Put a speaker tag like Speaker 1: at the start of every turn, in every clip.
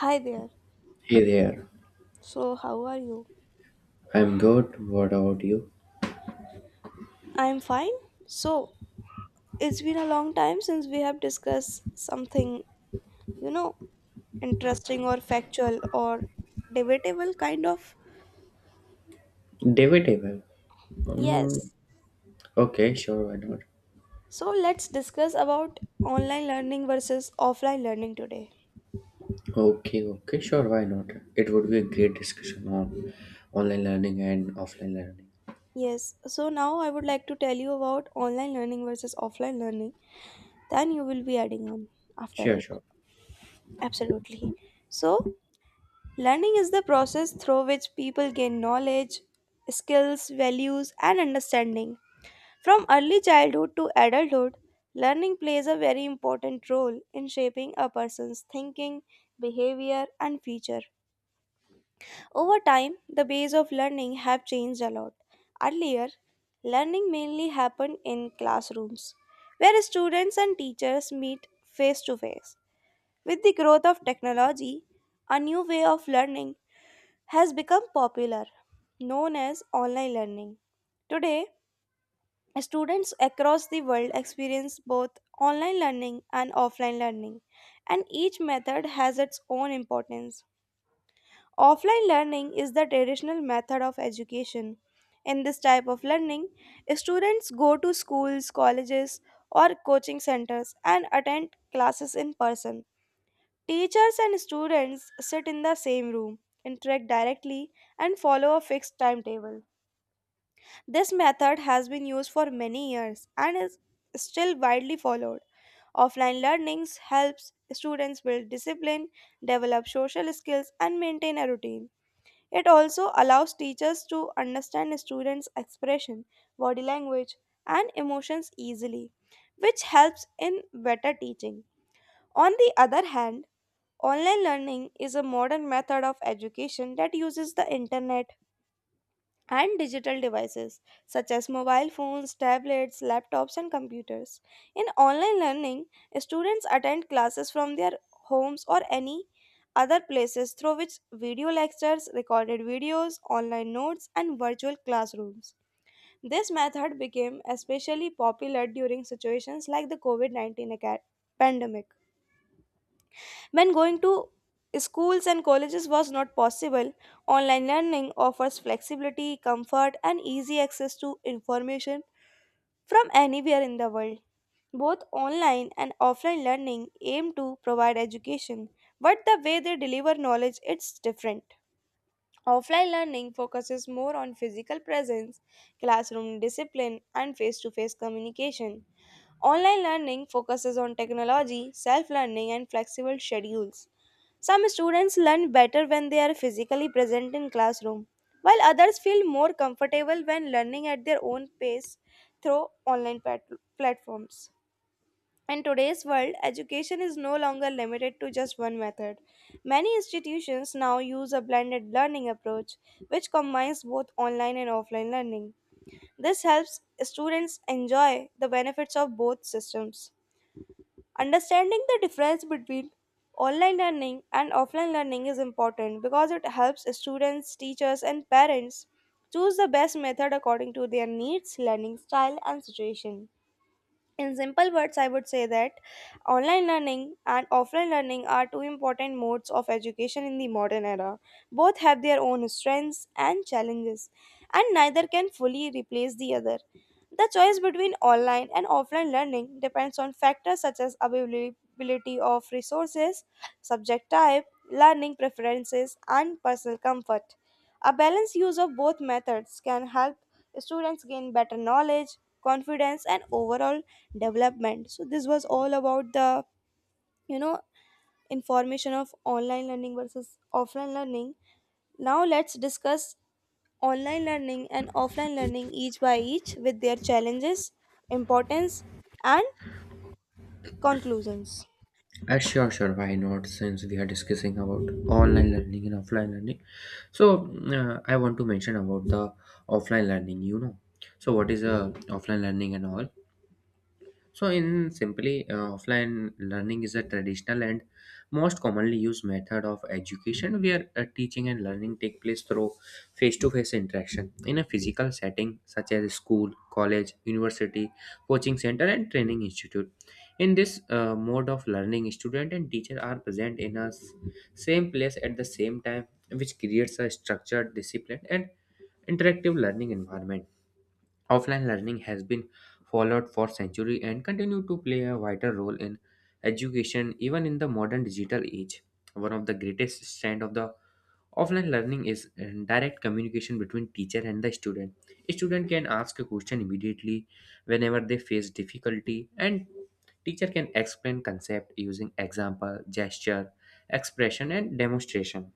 Speaker 1: Hi there.
Speaker 2: Hey there.
Speaker 1: So, how are you?
Speaker 2: I'm good. What about you?
Speaker 1: I'm fine. So, it's been a long time since we have discussed something, you know, interesting or factual or debatable kind of.
Speaker 2: Debatable. Mm,
Speaker 1: Yes.
Speaker 2: okay, sure, why not?
Speaker 1: So, let's discuss about online learning versus offline learning today.
Speaker 2: Okay, okay, sure, why not? It would be a great discussion on online learning and offline learning.
Speaker 1: Yes. So, now I would like to tell you about online learning versus offline learning. Then you will be adding on after
Speaker 2: Sure,
Speaker 1: it.
Speaker 2: sure.
Speaker 1: Absolutely. So, learning is the process through which people gain knowledge, skills, values, and understanding. From early childhood to adulthood, learning plays a very important role in shaping a person's thinking, behavior, and future. Over time, the ways of learning have changed a lot. Earlier, learning mainly happened in classrooms, where students and teachers meet face to face. With the growth of technology, a new way of learning has become popular, known as online learning. Today, students across the world experience both online learning and offline learning, and each method has its own importance. Offline learning is the traditional method of education. In this type of learning, students go to schools, colleges, or coaching centers and attend classes in person. Teachers and students sit in the same room, interact directly, and follow a fixed timetable. This method has been used for many years and is still widely followed. Offline learnings helps students build discipline, develop social skills and maintain a routine. It also allows teachers to understand students' expression, body language and emotions easily, which helps in better teaching. On the other hand, online learning is a modern method of education that uses the internet and digital devices such as mobile phones, tablets, laptops, and computers. In online learning, students attend classes from their homes or any other places through which video lectures, recorded videos, online notes, and virtual classrooms. This method became especially popular during situations like the COVID 19 pandemic when going to schools and colleges was not possible, online learning offers flexibility, comfort, and easy access to information from anywhere in the world. Both online and offline learning aim to provide education, but the way they deliver knowledge is different. Offline learning focuses more on physical presence, classroom discipline, and face to face communication. Online learning focuses on technology, self learning, and flexible schedules. Some students learn better when they are physically present in classroom, while others feel more comfortable when learning at their own pace through online platforms. In today's world, education is no longer limited to just one method. Many institutions now use a blended learning approach, which combines both online and offline learning. This helps students enjoy the benefits of both systems. Understanding the difference between online learning and offline learning is important because it helps students, teachers, and parents choose the best method according to their needs, learning style, and situation. In simple words, I would say that online learning and offline learning are two important modes of education in the modern era. Both have their own strengths and challenges, and neither can fully replace the other. The choice between online and offline learning depends on factors such as availability of resources, subject type, learning preferences, and personal comfort. A balanced use of both methods can help students gain better knowledge, confidence, and overall development. So this was all about the you know information of online learning versus offline learning. Now let's discuss online learning and offline learning each by each with their challenges, importance, and conclusions.
Speaker 2: Sure, sure, why not? Since we are discussing about online learning and offline learning. So, I want to mention about the offline learning. So, what is offline learning and all? So, in simply, offline learning is a traditional and most commonly used method of education where teaching and learning take place through face to face interaction in a physical setting such as school, college, university, coaching center, and training institute. In this mode of learning, student and teacher are present in same place at the same time, which creates a structured, disciplined, and interactive learning environment. Offline learning has been followed for centuries and continue to play a vital role in education even in the modern digital age. One of the greatest strengths of the offline learning is direct communication between teacher and the student. A student can ask a question immediately whenever they face difficulty and teacher can explain concept using example, gesture, expression and demonstration.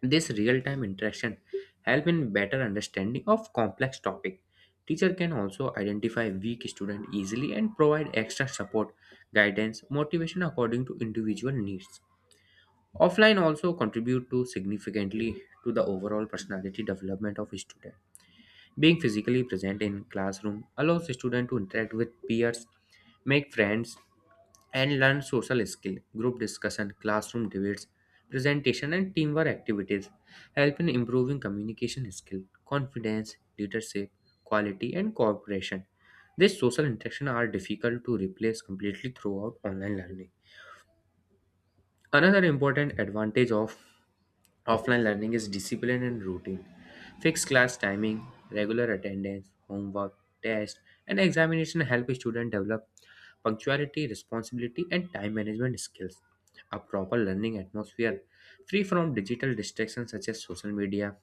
Speaker 2: This real-time interaction help in better understanding of complex topic. Teacher can also identify weak student easily and provide extra support, guidance, motivation according to individual needs. Offline also contribute to significantly to the overall personality development of student. Being physically present in classroom allows student to interact with peers, make friends, and learn social skill, group discussion, classroom debates, presentation and teamwork activities, help in improving communication skill, confidence, leadership, quality and cooperation. These social interactions are difficult to replace completely throughout online learning. Another important advantage of offline learning is discipline and routine. Fixed class timing, regular attendance, homework, test, and examination help students develop punctuality, responsibility, and time management skills. A proper learning atmosphere free from digital distractions such as social media,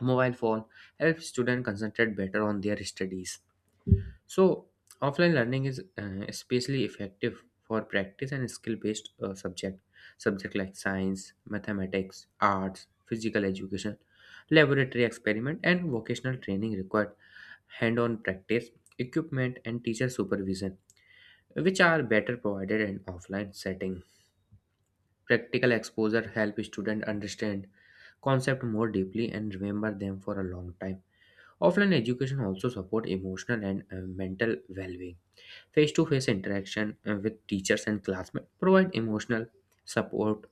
Speaker 2: mobile phone helps students concentrate better on their studies. So, offline learning is especially effective for practice and skill-based subject like science, mathematics, arts, physical education, laboratory experiment, and vocational training required hand-on practice, equipment, and teacher supervision, which are better provided in offline setting. Practical exposure help student understand concept more deeply and remember them for a long time. Offline education also support emotional and mental well-being. Face-to-face interaction with teachers and classmates provide emotional support,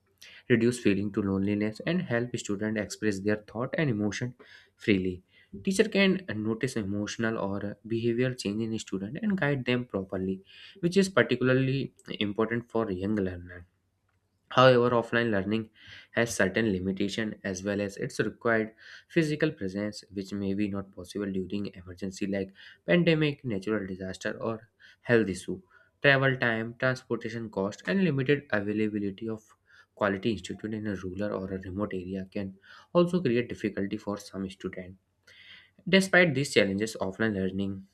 Speaker 2: reduce feeling to loneliness, and help students express their thought and emotion freely. Teacher can notice emotional or behavioral change in student and guide them properly, which is particularly important for young learners. However, offline learning has certain limitations as well as its required physical presence, which may be not possible during emergency like pandemic, natural disaster, or health issue. Travel time, transportation cost, and limited availability of quality institute in a rural or a remote area can also create difficulty for some students. Despite these challenges, offline learning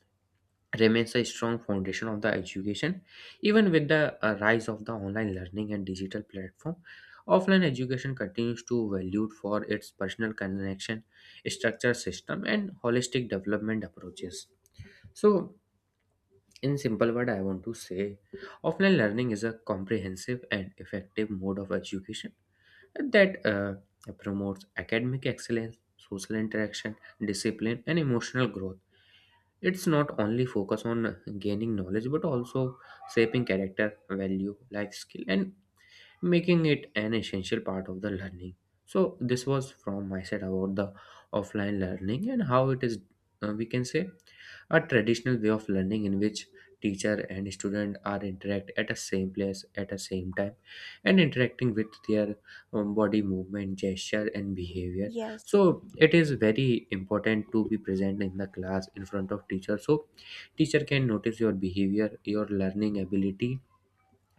Speaker 2: remains a strong foundation of the education even with the rise of the online learning and digital platform. Offline education continues to valued for its personal connection, structure system and holistic development approaches. So in simple word I want to say offline learning is a comprehensive and effective mode of education that promotes academic excellence, social interaction, discipline and emotional growth. It's not only focus on gaining knowledge but also shaping character, value, life skill and making it an essential part of the learning. So this was from my side about the offline learning and how it is, we can say, a traditional way of learning in which teacher and student are interact at a same place at a same time and interacting with their body movement, gesture and behavior.
Speaker 1: Yes,
Speaker 2: So it is very important to be present in the class in front of teacher so teacher can notice your behavior, your learning ability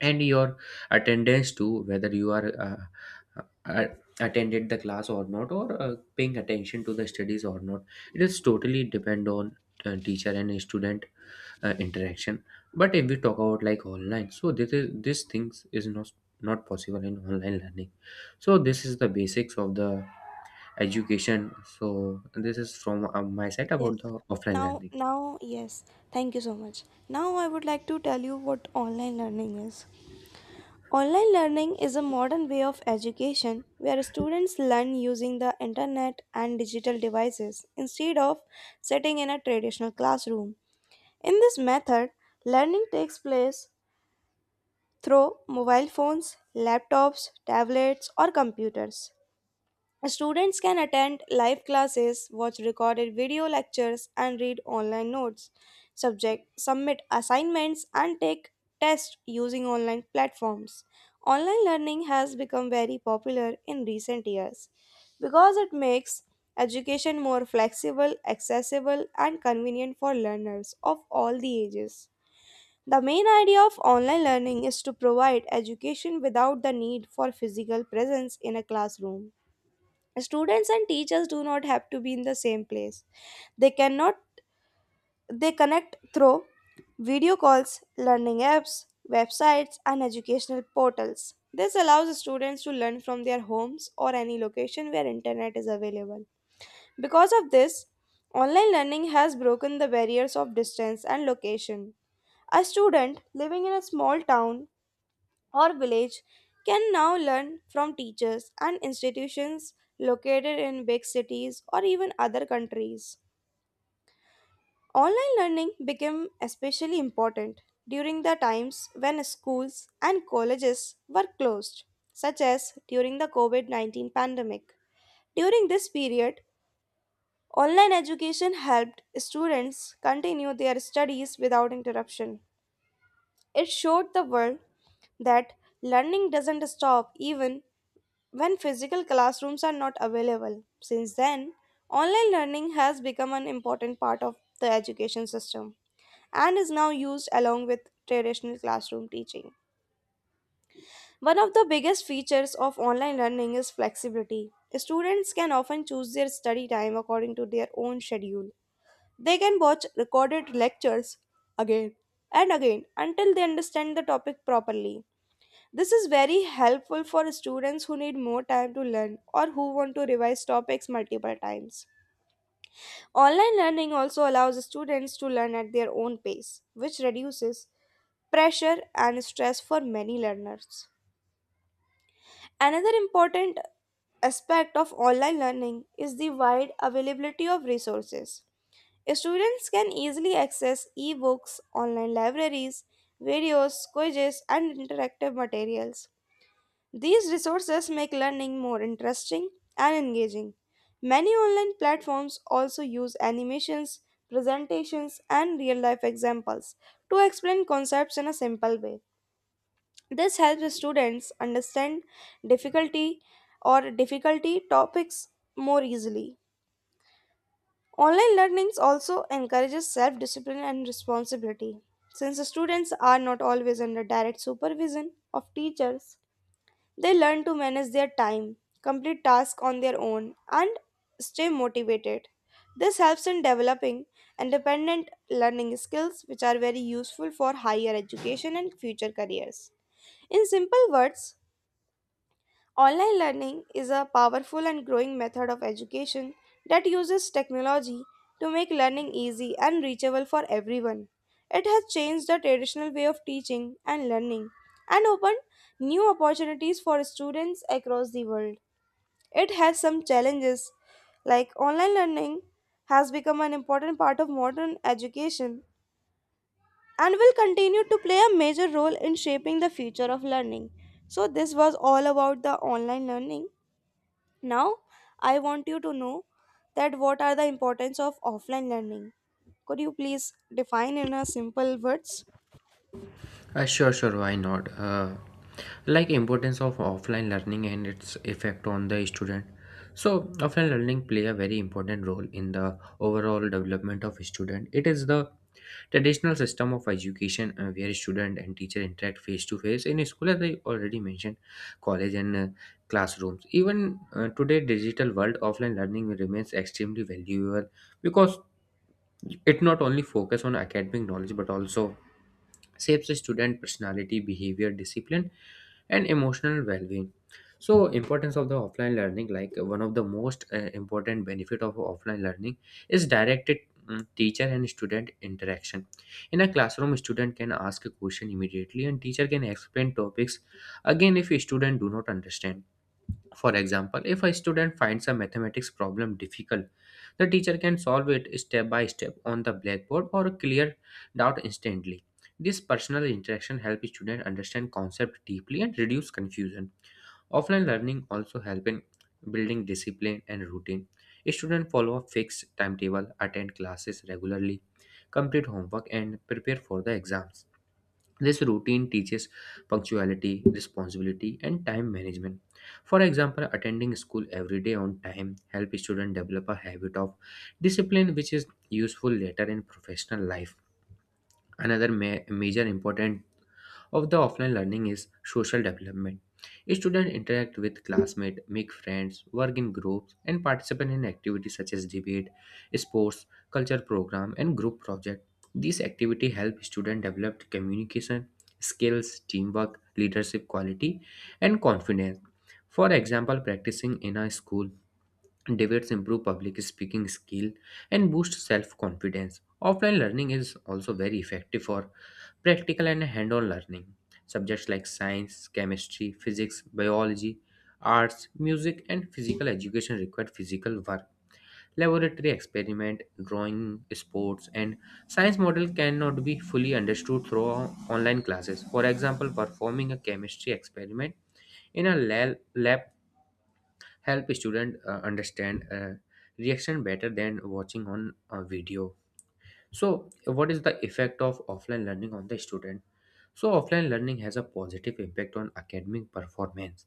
Speaker 2: and your attendance too, whether you are attended the class or not, or paying attention to the studies or not. It is totally depend on teacher and student interaction. But if we talk about like online, so this things is not possible in online learning. So this is the basics of the education. So this is from my side
Speaker 1: yes.
Speaker 2: about the offline
Speaker 1: now
Speaker 2: learning.
Speaker 1: now yes, thank you so much. Now I would like to tell you what online learning is. Online learning is a modern way of education where students learn using the internet and digital devices instead of sitting in a traditional classroom. In this method, learning takes place through mobile phones, laptops, tablets, or computers. Students can attend live classes, watch recorded video lectures, and read online notes, subject, submit assignments, and take tests using online platforms. Online learning has become very popular in recent years because it makes education more flexible, accessible, and convenient for learners of all the ages. The main idea of online learning is to provide education without the need for physical presence in a classroom. Students and teachers do not have to be in the same place. They cannot They connect through video calls, learning apps, websites and educational portals. This allows students to learn from their homes or any location where internet is available. Because of this, online learning has broken the barriers of distance and location. A student living in a small town or village can now learn from teachers and institutions located in big cities or even other countries. Online learning became especially important during the times when schools and colleges were closed, such as during the COVID 19 pandemic. During this period, online education helped students continue their studies without interruption. It showed the world that learning doesn't stop even when physical classrooms are not available. Since then, online learning has become an important part of the education system and is now used along with traditional classroom teaching. One of the biggest features of online learning is flexibility. Students can often choose their study time according to their own schedule. They can watch recorded lectures again and again until they understand the topic properly. This is very helpful for students who need more time to learn or who want to revise topics multiple times. Online learning also allows students to learn at their own pace, which reduces pressure and stress for many learners. Another important aspect of online learning is the wide availability of resources. Students can easily access ebooks, online libraries, videos, quizzes, and interactive materials. These resources make learning more interesting and engaging. Many online platforms also use animations, presentations, and real life examples to explain concepts in a simple way. This helps students understand difficulty difficulty topics more easily. Online learning also encourages self discipline and responsibility. Since the students are not always under direct supervision of teachers, they learn to manage their time, complete tasks on their own, and stay motivated. This helps in developing independent learning skills, which are very useful for higher education and future careers. In simple words, online learning is a powerful and growing method of education that uses technology to make learning easy and reachable for everyone. It has changed the traditional way of teaching and learning and opened new opportunities for students across the world. It has some challenges, like online learning has become an important part of modern education and will continue to play a major role in shaping the future of learning. So, this was all about the online learning. Now, I want you to know that what are the importance of offline learning. Could you please define in a simple words?
Speaker 2: Sure, sure, why not? Like importance of offline learning and its effect on the student. So offline learning play a very important role in the overall development of student. It is the traditional system of education where student and teacher interact face to face in school, as I already mentioned, college and classrooms. Even today digital world, offline learning remains extremely valuable because it not only focus on academic knowledge but also shapes the student personality, behavior, discipline and emotional well-being. So importance of the offline learning, like one of the most important benefit of offline learning is directed teacher and student interaction. In a classroom student can ask a question immediately and teacher can explain topics again if a student do not understand. For example, if a student finds a mathematics problem difficult, the teacher can solve it step by step on the blackboard or clear doubt instantly. This personal interaction helps students understand concepts deeply and reduce confusion. Offline learning also helps in building discipline and routine. Students follow a fixed timetable, attend classes regularly, complete homework, and prepare for the exams. This routine teaches punctuality, responsibility, and time management. For example, attending school every day on time helps students develop a habit of discipline which is useful later in professional life. Another major important of the offline learning is social development. Students interact with classmates, make friends, work in groups, and participate in activities such as debate, sports, culture program, and group project. These activities help students develop communication skills, teamwork, leadership quality, and confidence. For example, practicing in a school debates improve public speaking skill and boost self-confidence. Offline learning is also very effective for practical and hand on learning. Subjects like science, chemistry, physics, biology, arts, music, and physical education required physical work. Laboratory experiment, drawing, sports, and science model cannot be fully understood through online classes. For example, performing a chemistry experiment in lab help student understand reaction better than watching on a video. So, what is the effect of offline learning on the student? So, offline learning has a positive impact on academic performance.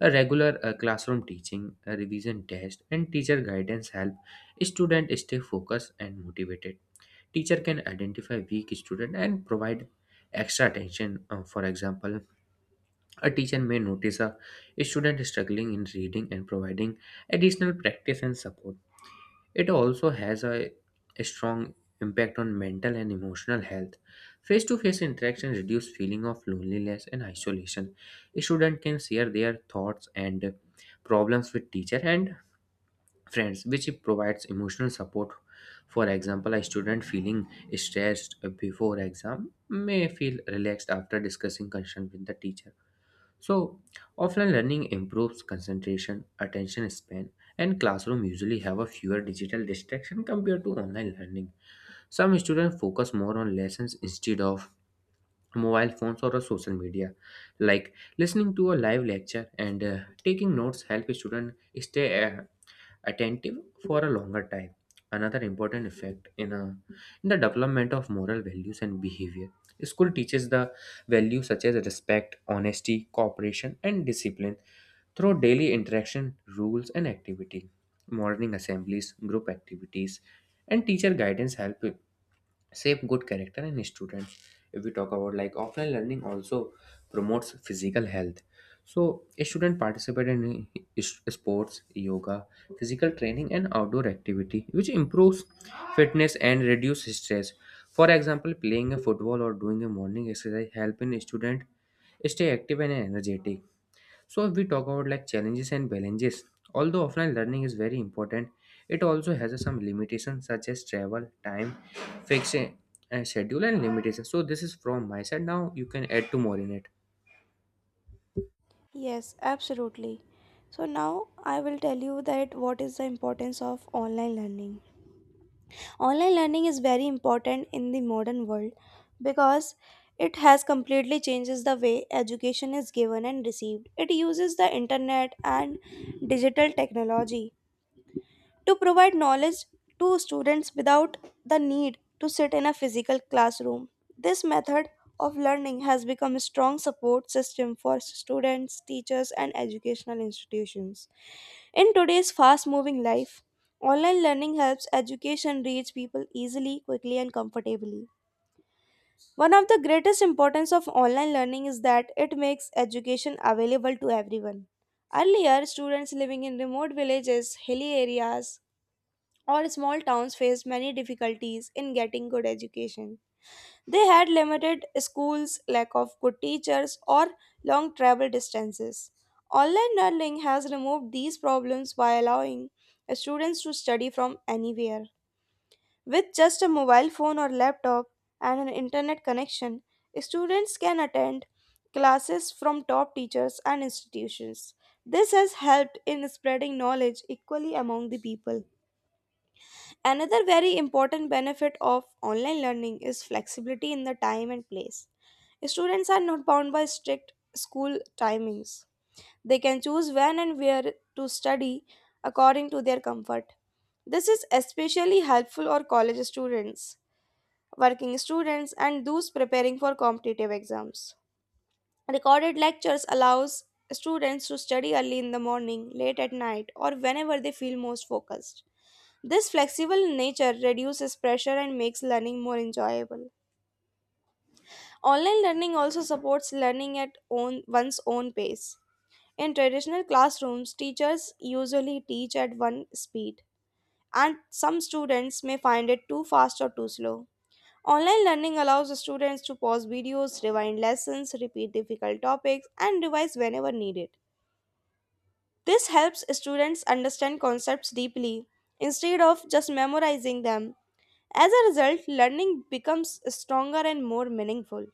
Speaker 2: A regular classroom teaching, a revision test, and teacher guidance help students stay focused and motivated. Teacher can identify weak student and provide extra attention. For example, a teacher may notice a student struggling in reading and providing additional practice and support. It also has a strong impact on mental and emotional health. Face to face interaction reduce feeling of loneliness and isolation. Student can share their thoughts and problems with teacher and friends, which provides emotional support. For example, a student feeling stressed before exam may feel relaxed after discussing concern with the teacher. So, offline learning improves concentration, attention span, and classroom usually have a fewer digital distraction compared to online learning. Some students focus more on lessons instead of mobile phones or a social media. Like listening to a live lecture and taking notes help students stay attentive for a longer time. Another important effect in the development of moral values and behavior. School teaches the values such as respect, honesty, cooperation, and discipline through daily interaction, rules, and activity. Morning assemblies, group activities, and teacher guidance help shape good character in students. If we talk about like offline learning also promotes physical health, so a student participate in sports, yoga, physical training and outdoor activity which improves fitness and reduce stress. For example, playing a football or doing a morning exercise help in student stay active and energetic. So if we talk about like challenges, although offline learning is very important, it also has some limitations such as travel, time, fixed schedule and limitations. So this is from my side. Now you can add two more in it.
Speaker 1: Yes, absolutely. So now I will tell you that what is the importance of online learning. Online learning is very important in the modern world because it has completely changes the way education is given and received. It uses the internet and digital technology to provide knowledge to students without the need to sit in a physical classroom. This method of learning has become a strong support system for students, teachers, and educational institutions. In today's fast moving life, online learning helps education reach people easily, quickly, and comfortably. One of the greatest importance of online learning is that it makes education available to everyone. Earlier, students living in remote villages, hilly areas, or small towns faced many difficulties in getting good education. They had limited schools, lack of good teachers, or long travel distances. Online learning has removed these problems by allowing students to study from anywhere. With just a mobile phone or laptop and an internet connection, students can attend classes from top teachers and institutions. This has helped in spreading knowledge equally among the people. Another very important benefit of online learning is flexibility in the time and place. Students are not bound by strict school timings. They can choose when and where to study according to their comfort. This is especially helpful for college students, working students, and those preparing for competitive exams. Recorded lectures allows students to study early in the morning, late at night, or whenever they feel most focused. This flexible nature reduces pressure and makes learning more enjoyable. Online learning also supports learning at one's own pace. In traditional classrooms, teachers usually teach at one speed, and some students may find it too fast or too slow. Online learning allows the students to pause videos, rewind lessons, repeat difficult topics, and revise whenever needed. This helps students understand concepts deeply instead of just memorizing them. As a result, learning becomes stronger and more meaningful.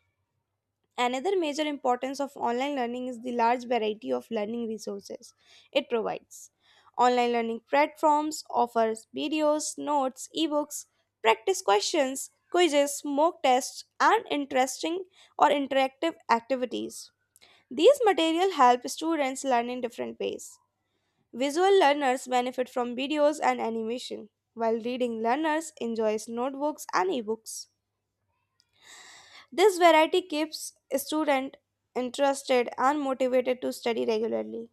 Speaker 1: Another major importance of online learning is the large variety of learning resources it provides. Online learning platforms offers videos, notes, ebooks, practice questions, quizzes, mock tests, and interesting or interactive activities. These material help students learn in different ways. Visual learners benefit from videos and animation, while reading learners enjoys notebooks and ebooks. This variety keeps students interested and motivated to study regularly.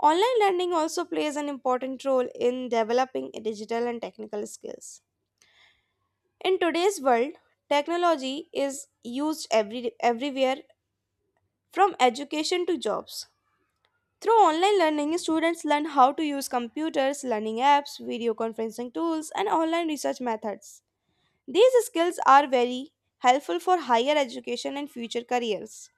Speaker 1: Online learning also plays an important role in developing digital and technical skills. In today's world, technology is used everywhere from education to jobs. Through online learning, students learn how to use computers, learning apps, video conferencing tools, and online research methods. These skills are very helpful for higher education and future careers.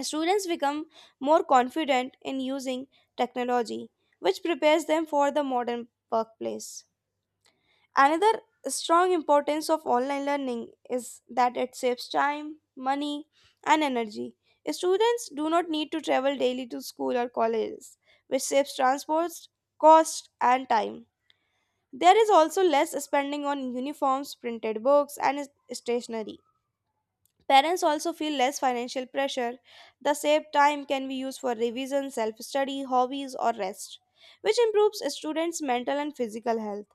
Speaker 1: Students become more confident in using technology, which prepares them for the modern workplace. Another strong importance of online learning is that it saves time, money, and energy. Students do not need to travel daily to school or colleges, which saves transport, cost, and time. There is also less spending on uniforms, printed books, and stationery. Parents also feel less financial pressure. The saved time can be used for revision, self study, hobbies, or rest, which improves students' mental and physical health.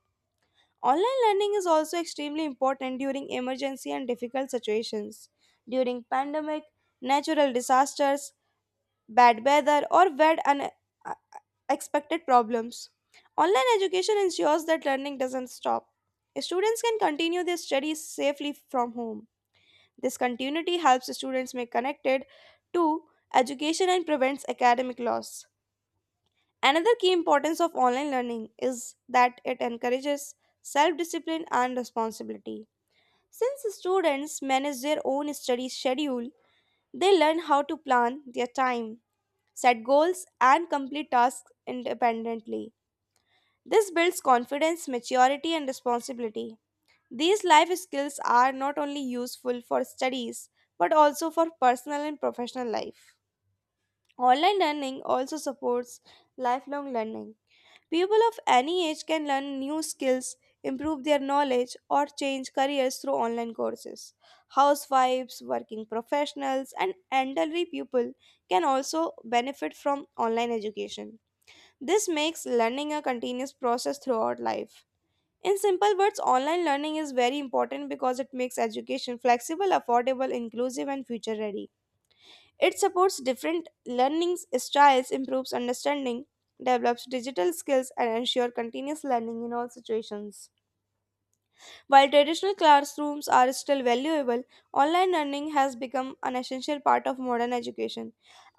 Speaker 1: Online learning is also extremely important during emergency and difficult situations. During pandemic, natural disasters, bad weather, or bad unexpected problems, online education ensures that learning doesn't stop. Students can continue their studies safely from home. This continuity helps students make connected to education and prevents academic loss. Another key importance of online learning is that it encourages self discipline and responsibility. Since students manage their own study schedule, they learn how to plan their time, set goals, and complete tasks independently. This builds confidence, maturity, and responsibility. These life skills are not only useful for studies but also for personal and professional life. Online learning also supports lifelong learning. People of any age can learn new skills, improve their knowledge, or change careers through online courses. Housewives, working professionals, and elderly people can also benefit from online education. This makes learning a continuous process throughout life. In simple words, online learning is very important because it makes education flexible, affordable, inclusive, and future ready. It supports different learning styles, improves understanding, develops digital skills, and ensures continuous learning in all situations. While traditional classrooms are still valuable, online learning has become an essential part of modern education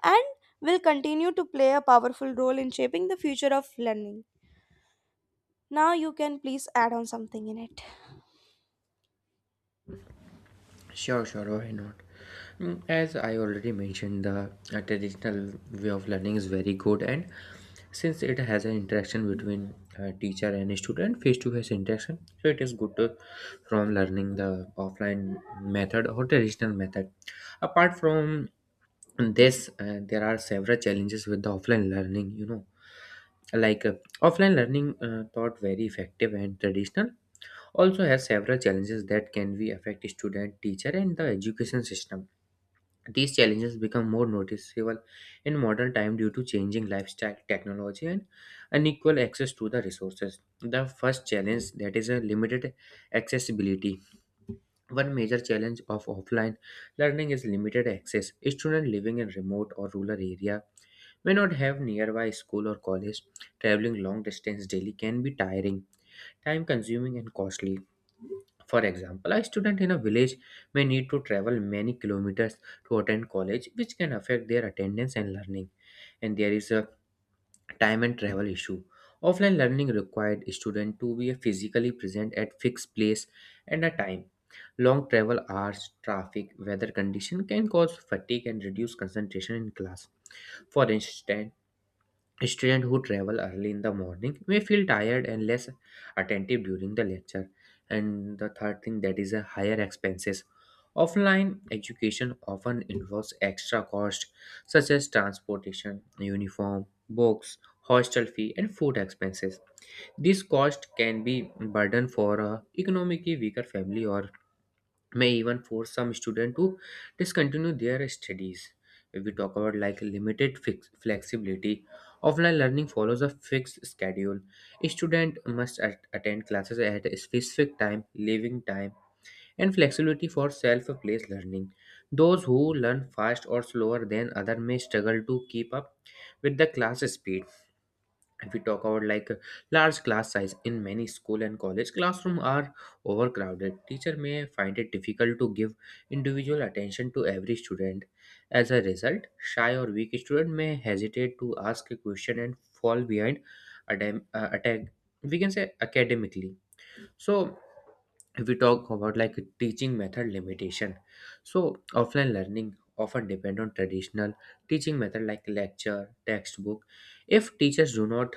Speaker 1: and will continue to play a powerful role in shaping the future of learning. Now, you can please add on something in it.
Speaker 2: Sure, sure, why not? Mm, as I already mentioned, the traditional way of learning is very good and since it has an interaction between teacher and student, face to face interaction, so it is good to, from learning the offline method or traditional method, apart from this there are several challenges with the offline learning, you know, like offline learning, thought very effective and traditional, also has several challenges that can be affect student, teacher and the education system. These challenges become more noticeable in modern time due to changing lifestyle, technology, and unequal access to the resources. The first challenge that is a limited accessibility. One major challenge of offline learning is limited access. Students living in remote or rural area may not have nearby school or college. Traveling long distance daily can be tiring, time consuming and costly. For example, a student in a village may need to travel many kilometers to attend college, which can affect their attendance and learning. And there is a time and travel issue. Offline learning required student to be physically present at fixed place and a time. Long travel hours, traffic, weather condition can cause fatigue and reduce concentration in class. For instance, students who travel early in the morning may feel tired and less attentive during the lecture. And the third thing that is a higher expenses. Offline education often involves extra cost such as transportation, uniform, books, hostel fee, and food expenses. This cost can be burden for a economically weaker family or may even force some student to discontinue their studies. If we talk about like flexibility, offline learning follows a fixed schedule. A student must attend classes at a specific time, leaving time, and flexibility for self-paced learning. Those who learn fast or slower than others may struggle to keep up with the class speed. If we talk about like large class size, in many school and college classroom are overcrowded, teacher may find it difficult to give individual attention to every student. As a result, shy or weak student may hesitate to ask a question and fall behind attack, we can say, academically. So if we talk about like teaching method limitation, so offline learning often depend on traditional teaching method like lecture, textbook. If teachers do not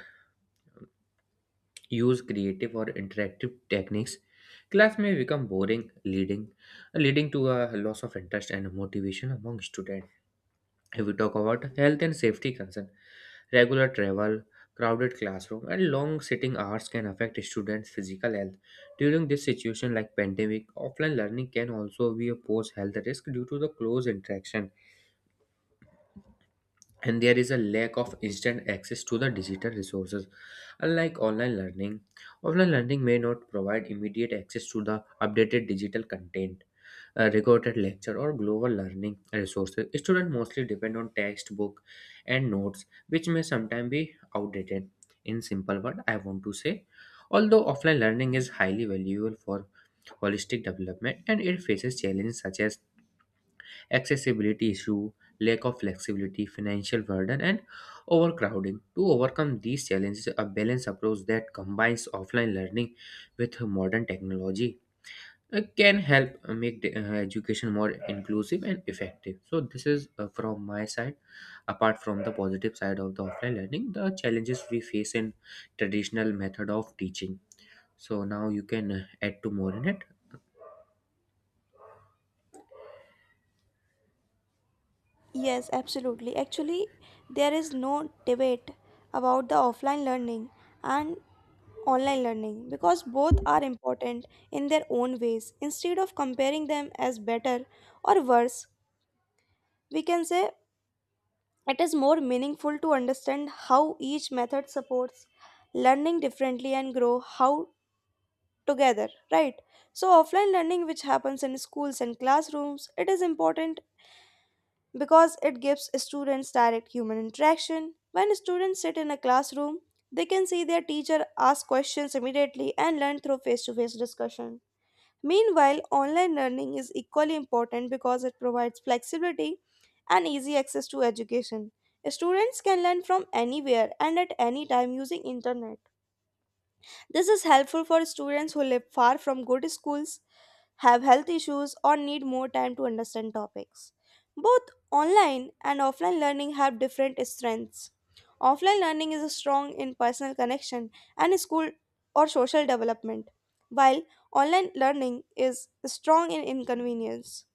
Speaker 2: use creative or interactive techniques, class may become boring, leading to a loss of interest and motivation among students. If we talk about health and safety concern, regular travel, crowded classroom, and long sitting hours can affect students' physical health. During this situation, like pandemic, offline learning can also be a pose health risk due to the close interaction. And there is a lack of instant access to the digital resources. Unlike online learning, offline learning may not provide immediate access to the updated digital content, a recorded lecture or global learning resources. Students mostly depend on textbook and notes which may sometimes be outdated. In simple word I want to say, although offline learning is highly valuable for holistic development, and it faces challenges such as accessibility issue, lack of flexibility, financial burden, and overcrowding. To overcome these challenges, a balanced approach that combines offline learning with modern technology can help make the, education more inclusive and effective. So, this is from my side. Apart from the positive side of the offline learning, the challenges we face in traditional method of teaching. So now you can add to more in it.
Speaker 1: Yes, absolutely. Actually, there is no debate about the offline learning and online learning because both are important in their own ways. Instead of comparing them as better or worse, we can say it is more meaningful to understand how each method supports learning differently and grow how together, right? So offline learning which happens in schools and classrooms, it is important because it gives students direct human interaction. When students sit in a classroom, they can see their teacher ask questions immediately and learn through face to face discussion. Meanwhile, online learning is equally important because it provides flexibility and easy access to education. Students can learn from anywhere and at any time using internet. This is helpful for students who live far from good schools, have health issues, or need more time to understand topics. Both online and offline learning have different strengths. Offline learning is strong in personal connection and school or social development, while online learning is strong in inconvenience,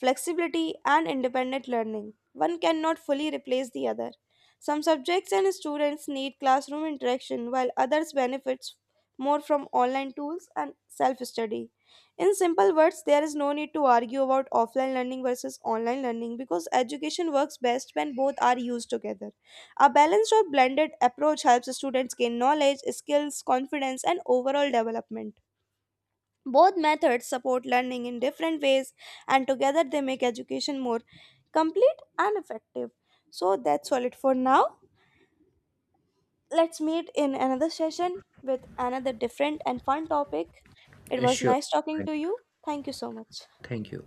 Speaker 1: flexibility, and independent learning. One cannot fully replace the other. Some subjects and students need classroom interaction, while others benefit more from online tools and self study. In simple words, there is no need to argue about offline learning versus online learning because education works best when both are used together. A balanced or blended approach helps students gain knowledge, skills, confidence, and overall development. Both methods support learning in different ways, and together they make education more complete and effective. So that's all it for now. Let's meet in another session with another different and fun topic. It
Speaker 2: Uh,
Speaker 1: was
Speaker 2: Sure.
Speaker 1: nice talking to you. Thank you so much.
Speaker 2: Thank you.